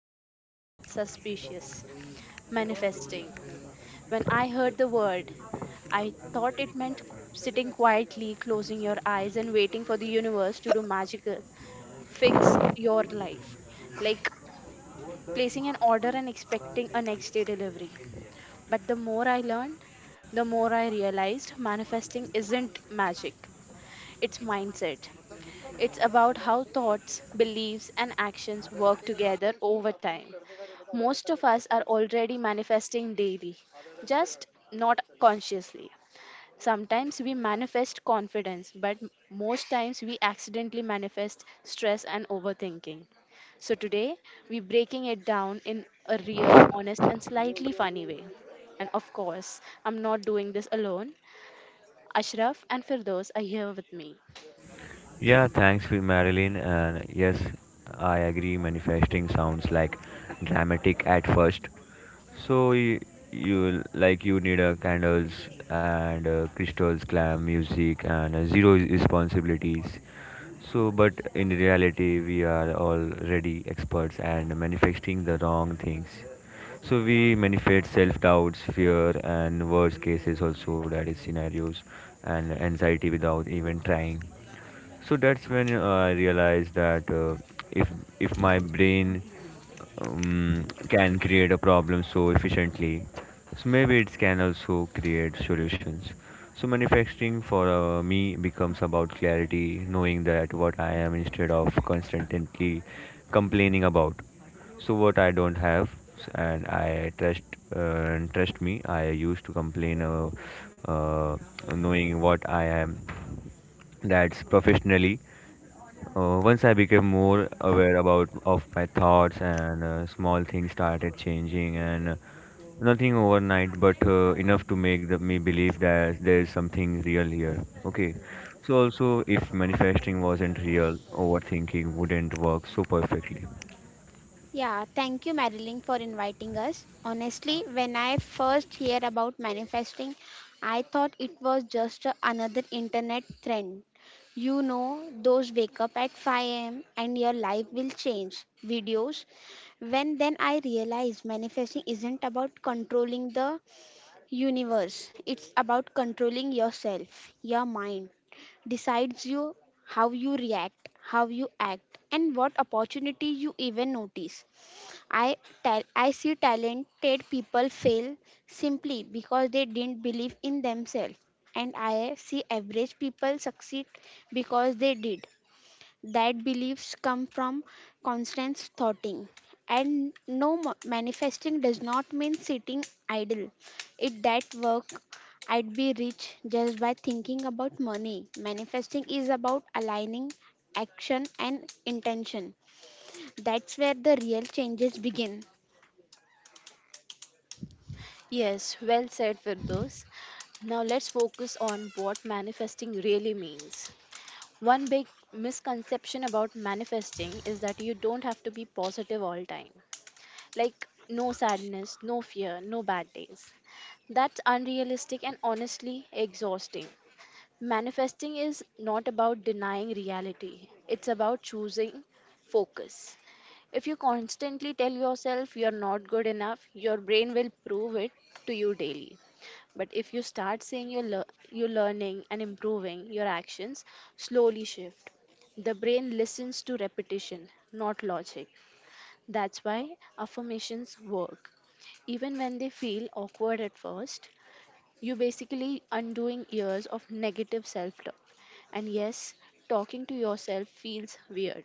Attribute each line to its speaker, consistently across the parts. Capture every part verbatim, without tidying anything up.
Speaker 1: honestly a little suspicious: manifesting. When I heard the word, I thought it meant sitting quietly, closing your eyes, and waiting for the universe to do magical, fix your life, like placing an order and expecting a next day delivery. But the more I learned, the more I realized manifesting isn't magic, it's mindset. It's about how thoughts, beliefs, and actions work together over time. Most of us are already manifesting daily, just not consciously. Sometimes we manifest confidence, but m- most times we accidentally manifest stress and overthinking. So today we're breaking it down in a real, honest, and slightly funny way. And of course, I'm not doing this alone. Ashraf and Firdos are here with me.
Speaker 2: Yeah, thanks, for Marilyn. And yes, I agree. Manifesting sounds like dramatic at first. So you, you like you need a candles and uh, crystals, glam music, and uh, zero responsibilities. So, but in reality, we are already experts and manifesting the wrong things. So we manifest self-doubts, fear, and worst cases also that is scenarios and anxiety without even trying. So that's when uh, i realized that uh, if if my brain um, can create a problem so efficiently, so maybe it can also create solutions. So manufacturing for uh, me becomes about clarity, knowing that what I am instead of constantly complaining about so what I don't have. And I trust, uh, trust me, I used to complain uh, uh, knowing what I am. That's professionally. Uh, once I became more aware about of my thoughts and uh, small things started changing, and uh, nothing overnight, but uh, enough to make the, me believe that there is something real here. Okay. So also, if manifesting wasn't real, overthinking wouldn't work so perfectly.
Speaker 3: Yeah, thank you, Marilyn, for inviting us. Honestly, when I first hear about manifesting, I thought it was just a- another internet trend. You know, those wake up at five a m and your life will change videos. When then I realized manifesting isn't about controlling the universe, it's about controlling yourself, your mind decides you how you react how you act and what opportunity you even notice. I tell I see talented people fail simply because they didn't believe in themselves, and I see average people succeed because they did. That beliefs come from constant thoughting, and no mo- manifesting does not mean sitting idle. It that work I'd be rich just by thinking about money. Manifesting is about aligning action and intention. That's where the real changes begin.
Speaker 1: Yes, well said, Firdos. Now let's focus on what manifesting really means. One big misconception about manifesting is that you don't have to be positive all time. Like no sadness, no fear, no bad days. That's unrealistic and honestly exhausting. Manifesting is not about denying reality, it's about choosing focus. If you constantly tell yourself you're not good enough, your brain will prove it to you daily. But if you start saying you're, lear- you're learning and improving, your actions slowly shift. The brain listens to repetition, not logic. That's why affirmations work. Even when they feel awkward at first, you basically undoing years of negative self-talk. And yes, talking to yourself feels weird,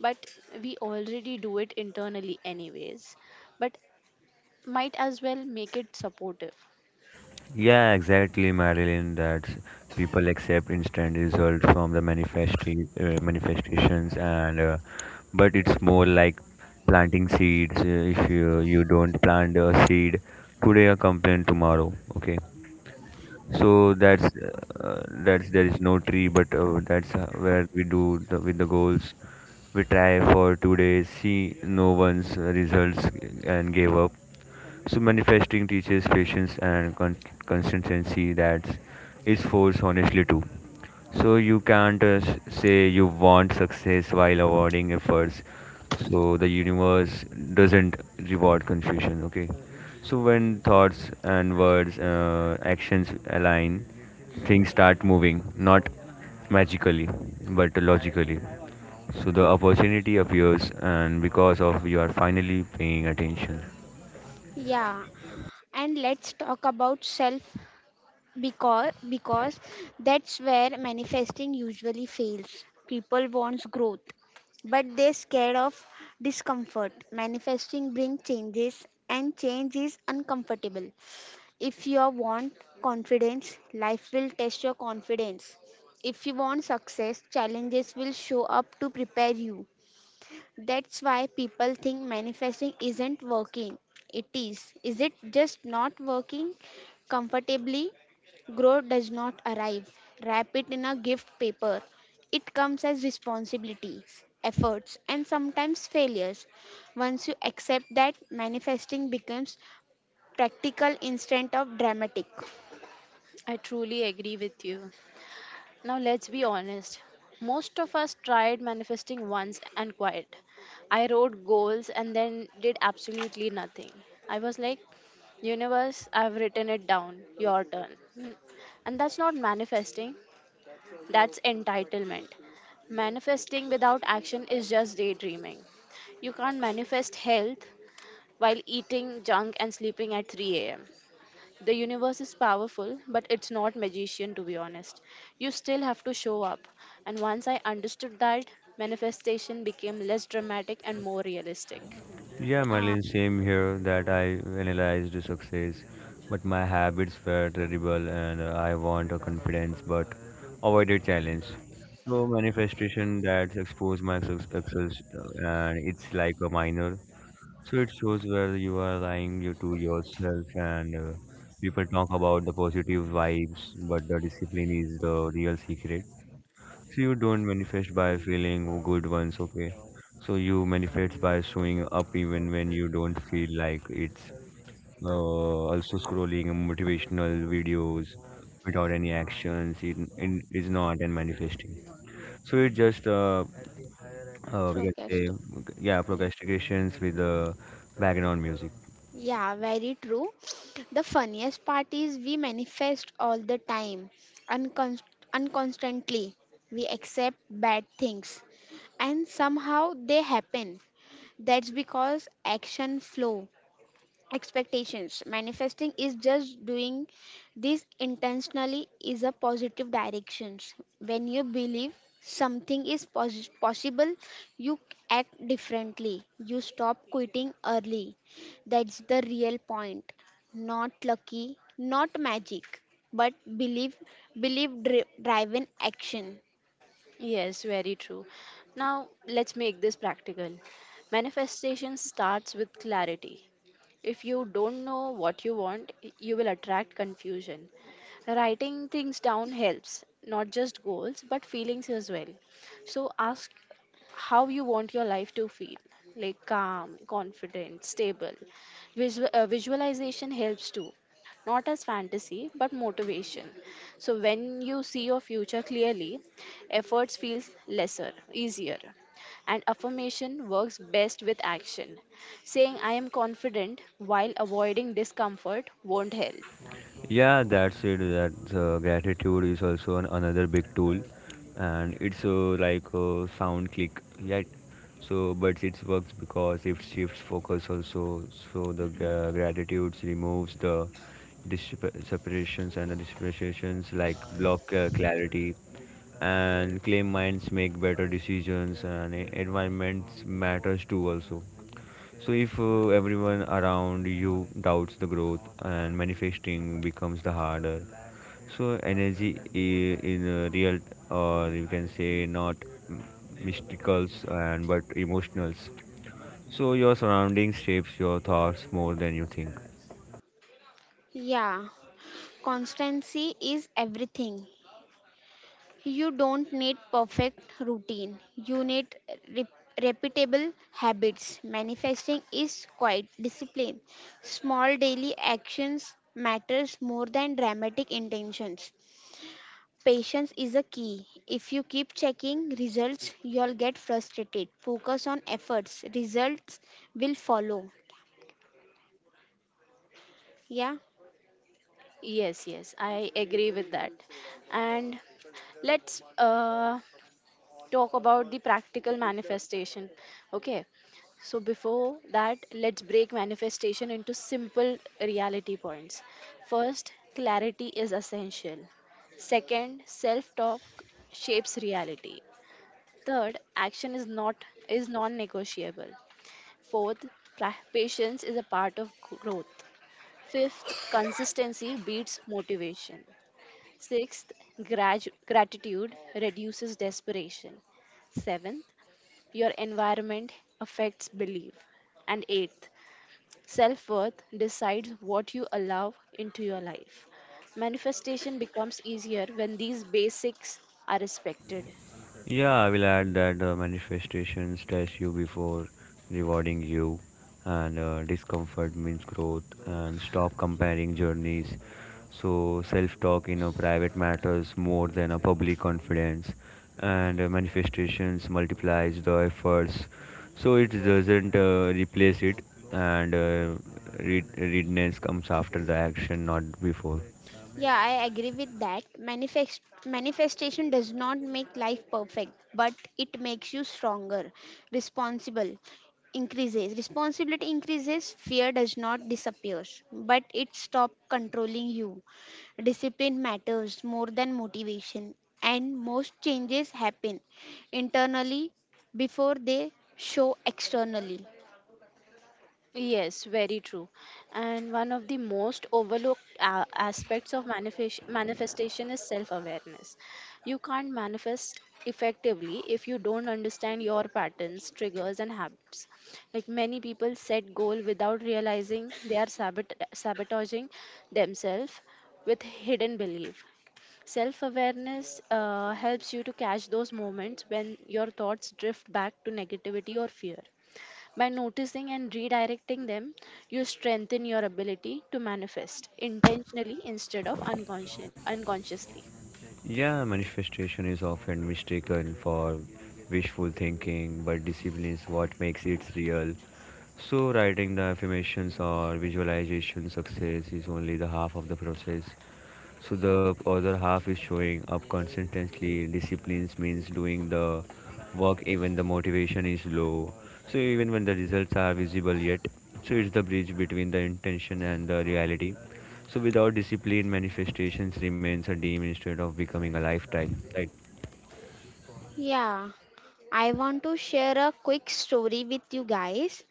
Speaker 1: but we already do it internally anyways. But might as well make it supportive.
Speaker 2: Yeah, exactly, Marilyn. That people accept instant results from the manifesti- uh, manifestations, and uh, but it's more like planting seeds. Uh, if you you don't plant a seed today, a complaint tomorrow. Okay, so that's uh, that's there is no tree, but uh, that's uh, where we do the, with the goals. We try for two days, see no one's results and gave up. So manifesting teaches patience and con- consistency. That is force honestly too. So you can't uh, s- say you want success while awarding efforts. So the universe doesn't reward confusion. Okay. So when thoughts and words, uh, actions align, things start moving, not magically, but logically. So the opportunity appears, and because of you are finally paying attention.
Speaker 3: Yeah, and let's talk about self because because that's where manifesting usually fails. People wants growth, but they're scared of discomfort. Manifesting brings changes and change is uncomfortable. If you want confidence, life will test your confidence. If you want success, challenges will show up to prepare you. That's why people think manifesting isn't working. It is. Is it just not working comfortably? Growth does not arrive. Wrap it in a gift paper. It comes as responsibilities, efforts, and sometimes failures. Once you accept that, manifesting becomes practical instead of dramatic.
Speaker 1: I truly agree with you. Now let's be honest. Most of us tried manifesting once and quit. I wrote goals and then did absolutely nothing. I was like, universe, I've written it down. Your turn. And that's not manifesting, that's entitlement. Manifesting without action is just daydreaming. You can't manifest health while eating junk and sleeping at three a m. The universe is powerful, but it's not magician to be honest. You still have to show up. And once I understood that, manifestation became less dramatic and more realistic.
Speaker 2: Yeah,
Speaker 3: Ah,
Speaker 2: Merlin, same here. That I analyzed success, but my habits were terrible, and uh, I want a confidence but avoided challenge. So manifestation that exposed my success, uh, and it's like a minor. So it shows where you are lying you to yourself, and uh, people talk about the positive vibes, but the discipline is the real secret. So you don't manifest by feeling good once, okay? So you manifest by showing up even when you don't feel like it's uh, also scrolling motivational videos without any actions. It, it is not and manifesting. So it just uh, uh, we can say
Speaker 3: procrastination.
Speaker 2: yeah procrastinations with the background music.
Speaker 3: Yeah, very true. The funniest part is we manifest all the time, uncon- unconstantly. We accept bad things and somehow they happen. That's because action flow expectations manifesting is just doing this intentionally is a positive directions. When you believe something is pos- possible, you act differently, you stop quitting early. That's the real point, not lucky, not magic, but believe believe dri- driven action.
Speaker 1: Yes, very true. Now, let's make this practical. Manifestation starts with clarity. If you don't know what you want, you will attract confusion. Writing things down helps, not just goals, but feelings as well. So ask how you want your life to feel, like calm, confident, stable. Visual, uh, visualization helps too, not as fantasy but motivation. So when you see your future clearly, efforts feels lesser easier. And affirmation works best with action. Saying I am confident while avoiding discomfort won't help.
Speaker 2: Yeah, that's it. That uh, gratitude is also an, another big tool, and it's uh, like a sound click, right? So, but it works because it shifts focus also. So the uh, gratitude removes the disp- separations and the dispersions like block uh, clarity, and claim minds make better decisions, and e- environments matters too also. So, if uh, everyone around you doubts the growth and manifesting becomes the harder, so energy I- in uh, real, or you can say not m- mysticals and but emotionals. So, your surroundings shapes your thoughts more than you think.
Speaker 3: Yeah, constancy is everything. You don't need perfect routine. You need rep- repeatable habits. Manifesting is quite discipline. Small daily actions matters more than dramatic intentions. Patience is a key. If you keep checking results, you'll get frustrated. Focus on efforts. Results will follow. Yeah.
Speaker 1: Yes, yes, I agree with that. And let's uh, talk about the practical manifestation. Okay, so before that, let's break manifestation into simple reality points. First, clarity is essential. Second, self talk shapes reality. Third, action is not is non-negotiable. Fourth, pra- patience is a part of growth. Fifth, consistency beats motivation. Sixth, grad- gratitude reduces desperation. Seventh, your environment affects belief. And eighth, self worth decides what you allow into your life. Manifestation becomes easier when these basics are respected.
Speaker 2: Yeah, I will add that uh, manifestations test you before rewarding you, and uh, discomfort means growth, and stop comparing journeys. So, self talk in a private matters more than a public confidence, and uh, manifestations multiplies the efforts. So, it doesn't uh, replace it, and uh, read- readiness comes after the action, not before.
Speaker 3: Yeah, I agree with that. Manifest manifestation does not make life perfect, but it makes you stronger, responsible, increases. Responsibility increases, fear does not disappear, but it stops controlling you. Discipline matters more than motivation, and most changes happen internally before they show externally.
Speaker 1: Yes, very true. And one of the most overlooked uh, aspects of manifest- manifestation is self awareness. You can't manifest effectively if you don't understand your patterns, triggers, and habits. Like many people set goal without realizing they are sabot- sabotaging themselves with hidden belief. Self awareness uh, helps you to catch those moments when your thoughts drift back to negativity or fear. By noticing and redirecting them, you strengthen your ability to manifest intentionally instead of unconscious, unconsciously.
Speaker 2: Yeah, manifestation is often mistaken for wishful thinking, but discipline is what makes it real. So, writing the affirmations or visualization success is only the half of the process. So, the other half is showing up consistently. Disciplines means doing the work even the motivation is low, so even when the results are visible yet. So it's the bridge between the intention and the reality. So without discipline manifestations remains a dream instead of becoming a lifestyle, right?
Speaker 3: Yeah, I want to share a quick story with you guys.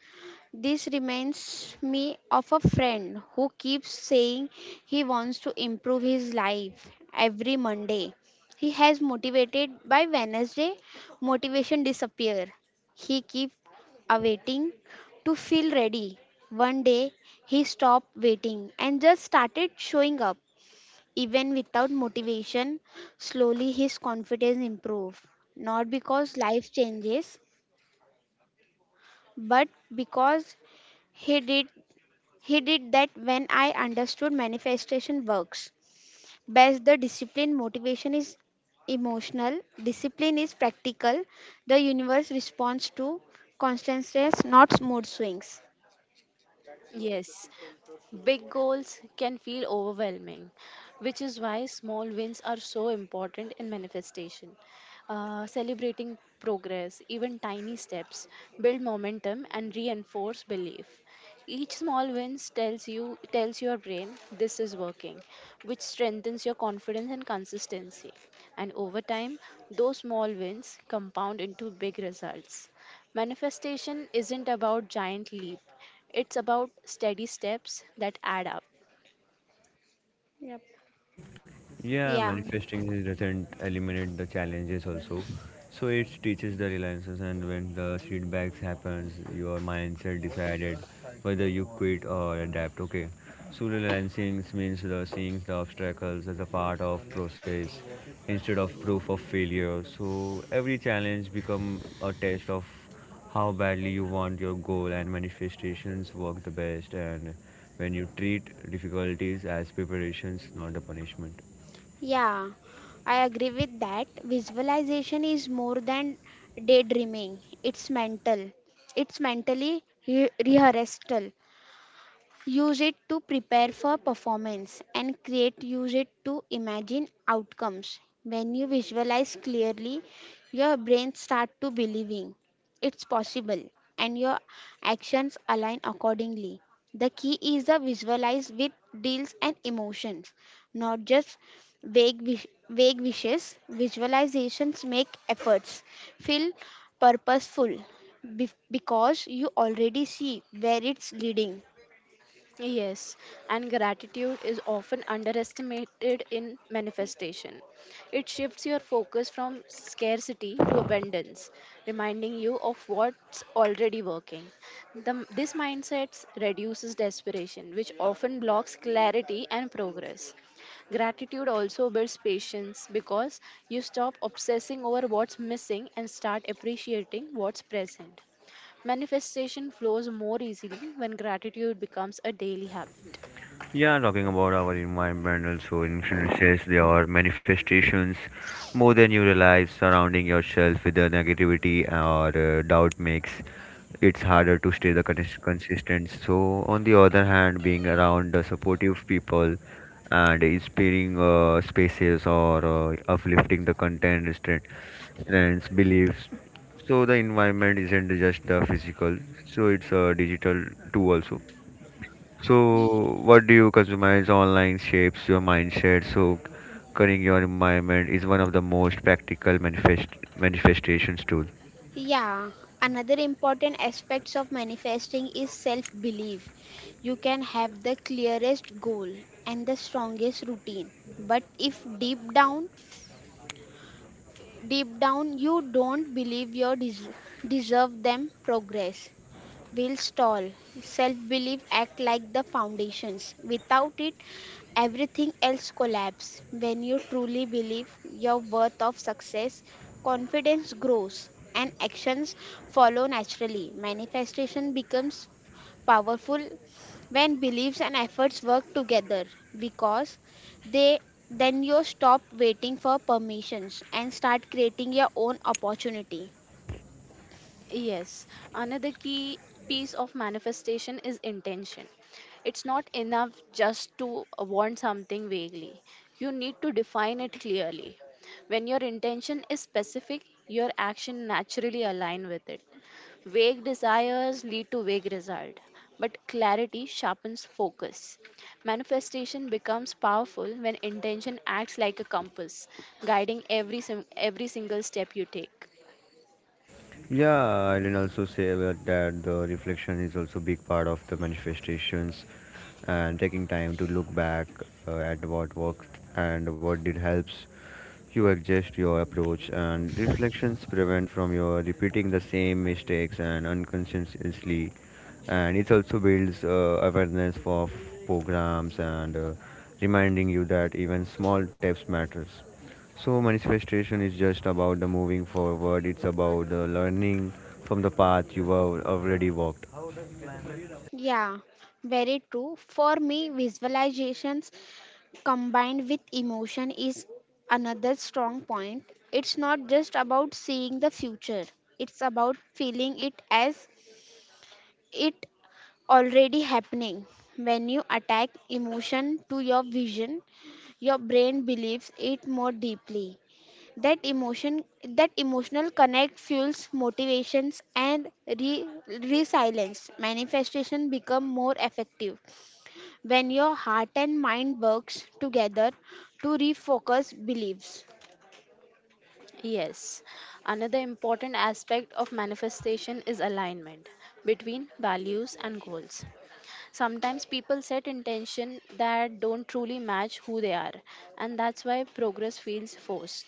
Speaker 3: This reminds me of a friend who keeps saying he wants to improve his life every Monday. He has motivated by Wednesday, motivation disappear. He keeps awaiting to feel ready. One day he stopped waiting and just started showing up. Even without motivation, slowly his confidence improved. Not because life changes, but because he did he did that when I understood manifestation works. Best the discipline motivation is emotional, discipline is practical. The universe responds to constant stress, not mood swings.
Speaker 1: Yes. Big goals can feel overwhelming, which is why small wins are so important in manifestation. Uh, celebrating progress, even tiny steps, build momentum and reinforce belief. Each small win tells you tells your brain this is working, which strengthens your confidence and consistency. And over time, those small wins compound into big results. Manifestation isn't about giant leaps, it's about steady steps that add up.
Speaker 3: Yep.
Speaker 2: Yeah,
Speaker 3: Yeah,
Speaker 2: manifesting his not eliminate the challenges also. So it teaches the reliances, and when the setbacks happens, your mindset decided whether you quit or adapt. Okay. So relancing means the seeing the obstacles as a part of process instead of proof of failure. So every challenge become a test of how badly you want your goal, and manifestations work the best and when you treat difficulties as preparations, not a punishment.
Speaker 3: yeah, I agree with that. Visualization is more than daydreaming, it's mental, it's mentally re- rehearsal. Use it to prepare for performance and create. Use it to imagine outcomes. When you visualize clearly, your brain starts to believing it's possible and your actions align accordingly. The key is the visualize with deals and emotions, not just vague, wish- vague wishes. Visualizations make efforts feel purposeful bef- because you already see where it's leading.
Speaker 1: Yes, and gratitude is often underestimated in manifestation. It shifts your focus from scarcity to abundance, reminding you of what's already working. The, this mindset reduces desperation, which often blocks clarity and progress. Gratitude also builds patience because you stop obsessing over what's missing and start appreciating what's present. Manifestation flows more easily when gratitude becomes a daily habit.
Speaker 2: Yeah, talking about our environment also influences your manifestations more than you realize. Surrounding yourself with the negativity or uh, doubt makes it's harder to stay the cons- consistent. So, on the other hand, being around the supportive people and inspiring uh, spaces or uh, uplifting the content, strength, strengths, beliefs. So, the environment isn't just the physical. So, it's a digital too also. So, what do you customize online shapes your mindset? So, cutting your environment is one of the most practical manifest manifestations tool.
Speaker 3: Yeah, another important aspects of manifesting is self belief. You can have the clearest goal and the strongest routine, but if deep down, deep down you don't believe you des- deserve them progress will stall. Self belief act like the foundations. Without it, everything else collapses. When you truly believe your worth of success, confidence grows and actions follow naturally. Manifestation becomes powerful when beliefs and efforts work together because they then you stop waiting for permissions and start creating your own opportunity.
Speaker 1: Yes, another key piece of manifestation is intention. It's not enough just to want something vaguely, you need to define it clearly. When your intention is specific, your action naturally align with it. Vague desires lead to vague result, but clarity sharpens focus. Manifestation becomes powerful when intention acts like a compass, guiding every sim- every single step you take.
Speaker 2: Yeah, I did also say about that the reflection is also big part of the manifestations, and taking time to look back uh, at what worked and what did helps you adjust your approach, and reflections prevent from your repeating the same mistakes and unconsciously, and it also builds uh, awareness for programs, and uh, reminding you that even small steps matters. So manifestation is just about the moving forward. It's about the learning from the path you have already walked.
Speaker 3: Yeah, very true. For me, visualizations combined with emotion is another strong point. It's not just about seeing the future, it's about feeling it as it already happening. When you attach emotion to your vision, your brain believes it more deeply. That emotion that emotional connect fuels motivations and re resilience. Manifestation become more effective when your heart and mind works together to refocus beliefs.
Speaker 1: Yes, another important aspect of manifestation is alignment between values and goals. Sometimes people set intention that don't truly match who they are, and that's why progress feels forced.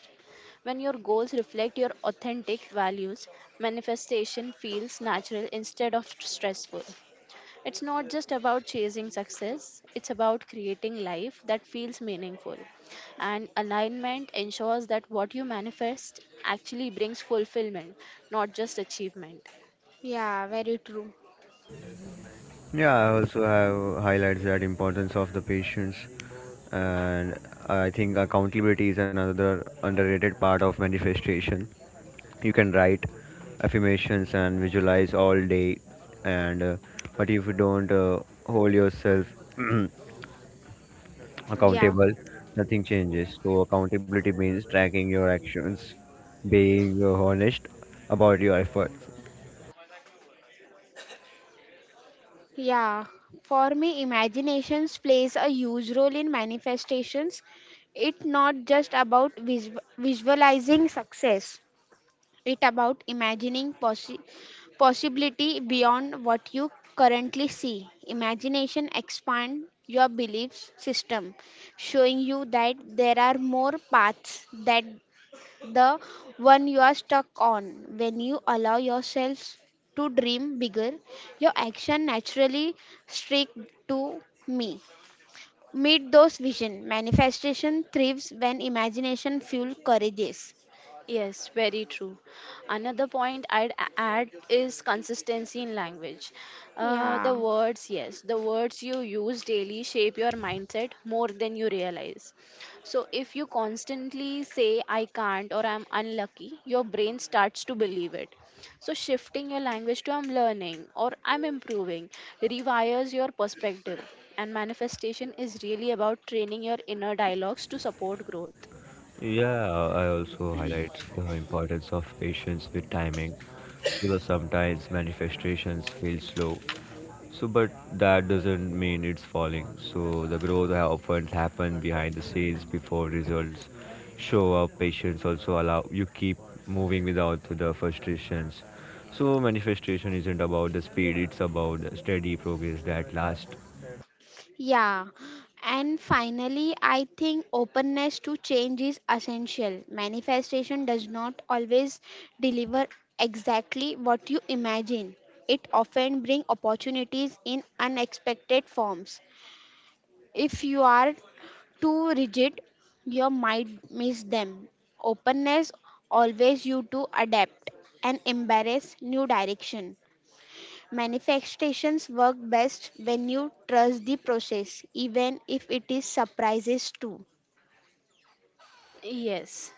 Speaker 1: When your goals reflect your authentic values, manifestation feels natural instead of stressful. It's not just about chasing success, it's about creating life that feels meaningful. And alignment ensures that what you manifest actually brings fulfillment, not just achievement.
Speaker 3: Yeah, very true.
Speaker 2: Yeah, I also have highlights that importance of the patience, and I think accountability is another underrated part of manifestation. You can write affirmations and visualize all day, and uh, but if you don't uh, hold yourself
Speaker 3: Yeah,
Speaker 2: accountable, nothing changes. So accountability means tracking your actions, being honest about your efforts.
Speaker 3: yeah, for me imaginations plays a huge role in manifestations. It's not just about vis- visualizing success, it about imagining possi- possibility beyond what you currently see. Imagination expand your belief system, showing you that there are more paths that the one you are stuck on. When you allow yourself to dream bigger, your action naturally streak to me. Meet those vision. Manifestation thrives when imagination fuels courageous.
Speaker 1: Yes, very true. Another point I'd a- add is consistency in language. Uh, the
Speaker 3: Yeah.
Speaker 1: words, yes, the words you use daily shape your mindset more than you realize. So, if you constantly say, I can't or I'm unlucky, your brain starts to believe it. So, shifting your language to I'm learning or I'm improving rewires your perspective. And manifestation is really about training your inner dialogues to support growth.
Speaker 2: Yeah, I also highlight the importance of patience with timing, so that sometimes manifestations feel slow. So, but that doesn't mean it's falling. So, the growth ha- often happen behind the scenes before results show up. Patience also allow you keep moving without the frustrations. So, manifestation isn't about the speed; it's about the steady progress that lasts.
Speaker 3: Yeah, and finally, I think openness to change is essential. Manifestation does not always deliver exactly what you imagine. It often brings opportunities in unexpected forms. If you are too rigid, you might miss them. Openness always you to adapt and embrace new direction. Manifestations work best when you trust the process, even if it is surprises too.
Speaker 1: Yes.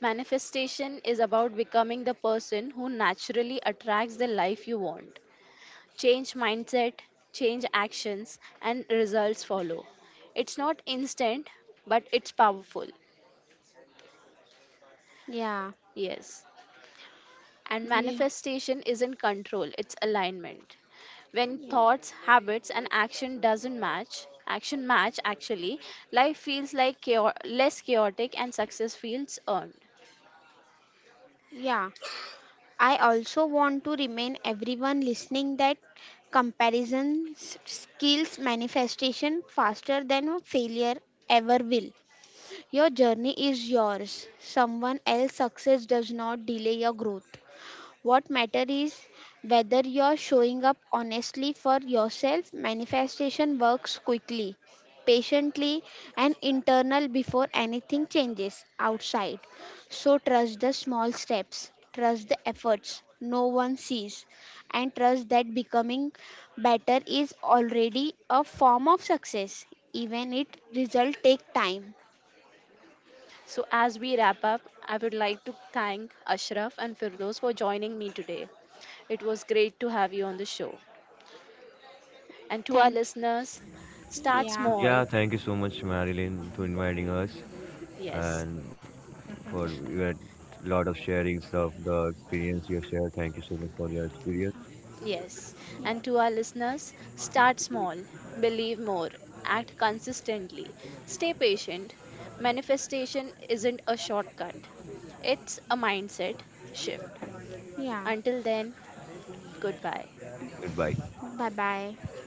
Speaker 1: Manifestation is about becoming the person who naturally attracts the life you want. Change mindset, change actions, and results follow. It's not instant, but it's powerful.
Speaker 3: Yeah,
Speaker 1: Yes. And
Speaker 3: yeah,
Speaker 1: manifestation isn't control, it's alignment. When
Speaker 3: yep,
Speaker 1: thoughts, habits, and action doesn't match, action match actually, life feels like chao- less chaotic and success feels earned.
Speaker 3: yeah. I also want to remind everyone listening that comparison s- skills manifestation faster than a failure ever will. Your journey is yours. Someone else's success does not delay your growth. What matter is whether you're showing up honestly for yourself. Manifestation works quickly, patiently, and internal before anything changes outside. So trust the small steps, trust the efforts no one sees, and trust that becoming better is already a form of success, even if result take time.
Speaker 1: So, as we wrap up, I would like to thank Ashraf and Firdos for joining me today. It was great to have you on the show. And to our
Speaker 3: Thank
Speaker 1: listeners, start
Speaker 3: yeah.
Speaker 1: small.
Speaker 2: Yeah, thank you so much, Marilyn, to inviting us
Speaker 1: Yes,
Speaker 2: and for your lot of sharings of the experience you have shared. Thank you so much for your experience.
Speaker 1: yes.
Speaker 3: Yeah.
Speaker 1: And to our listeners, start small, believe more, act consistently, stay patient. Manifestation isn't a shortcut, it's a mindset shift.
Speaker 3: Yeah.
Speaker 1: Until then, goodbye.
Speaker 2: Goodbye.
Speaker 3: Bye bye.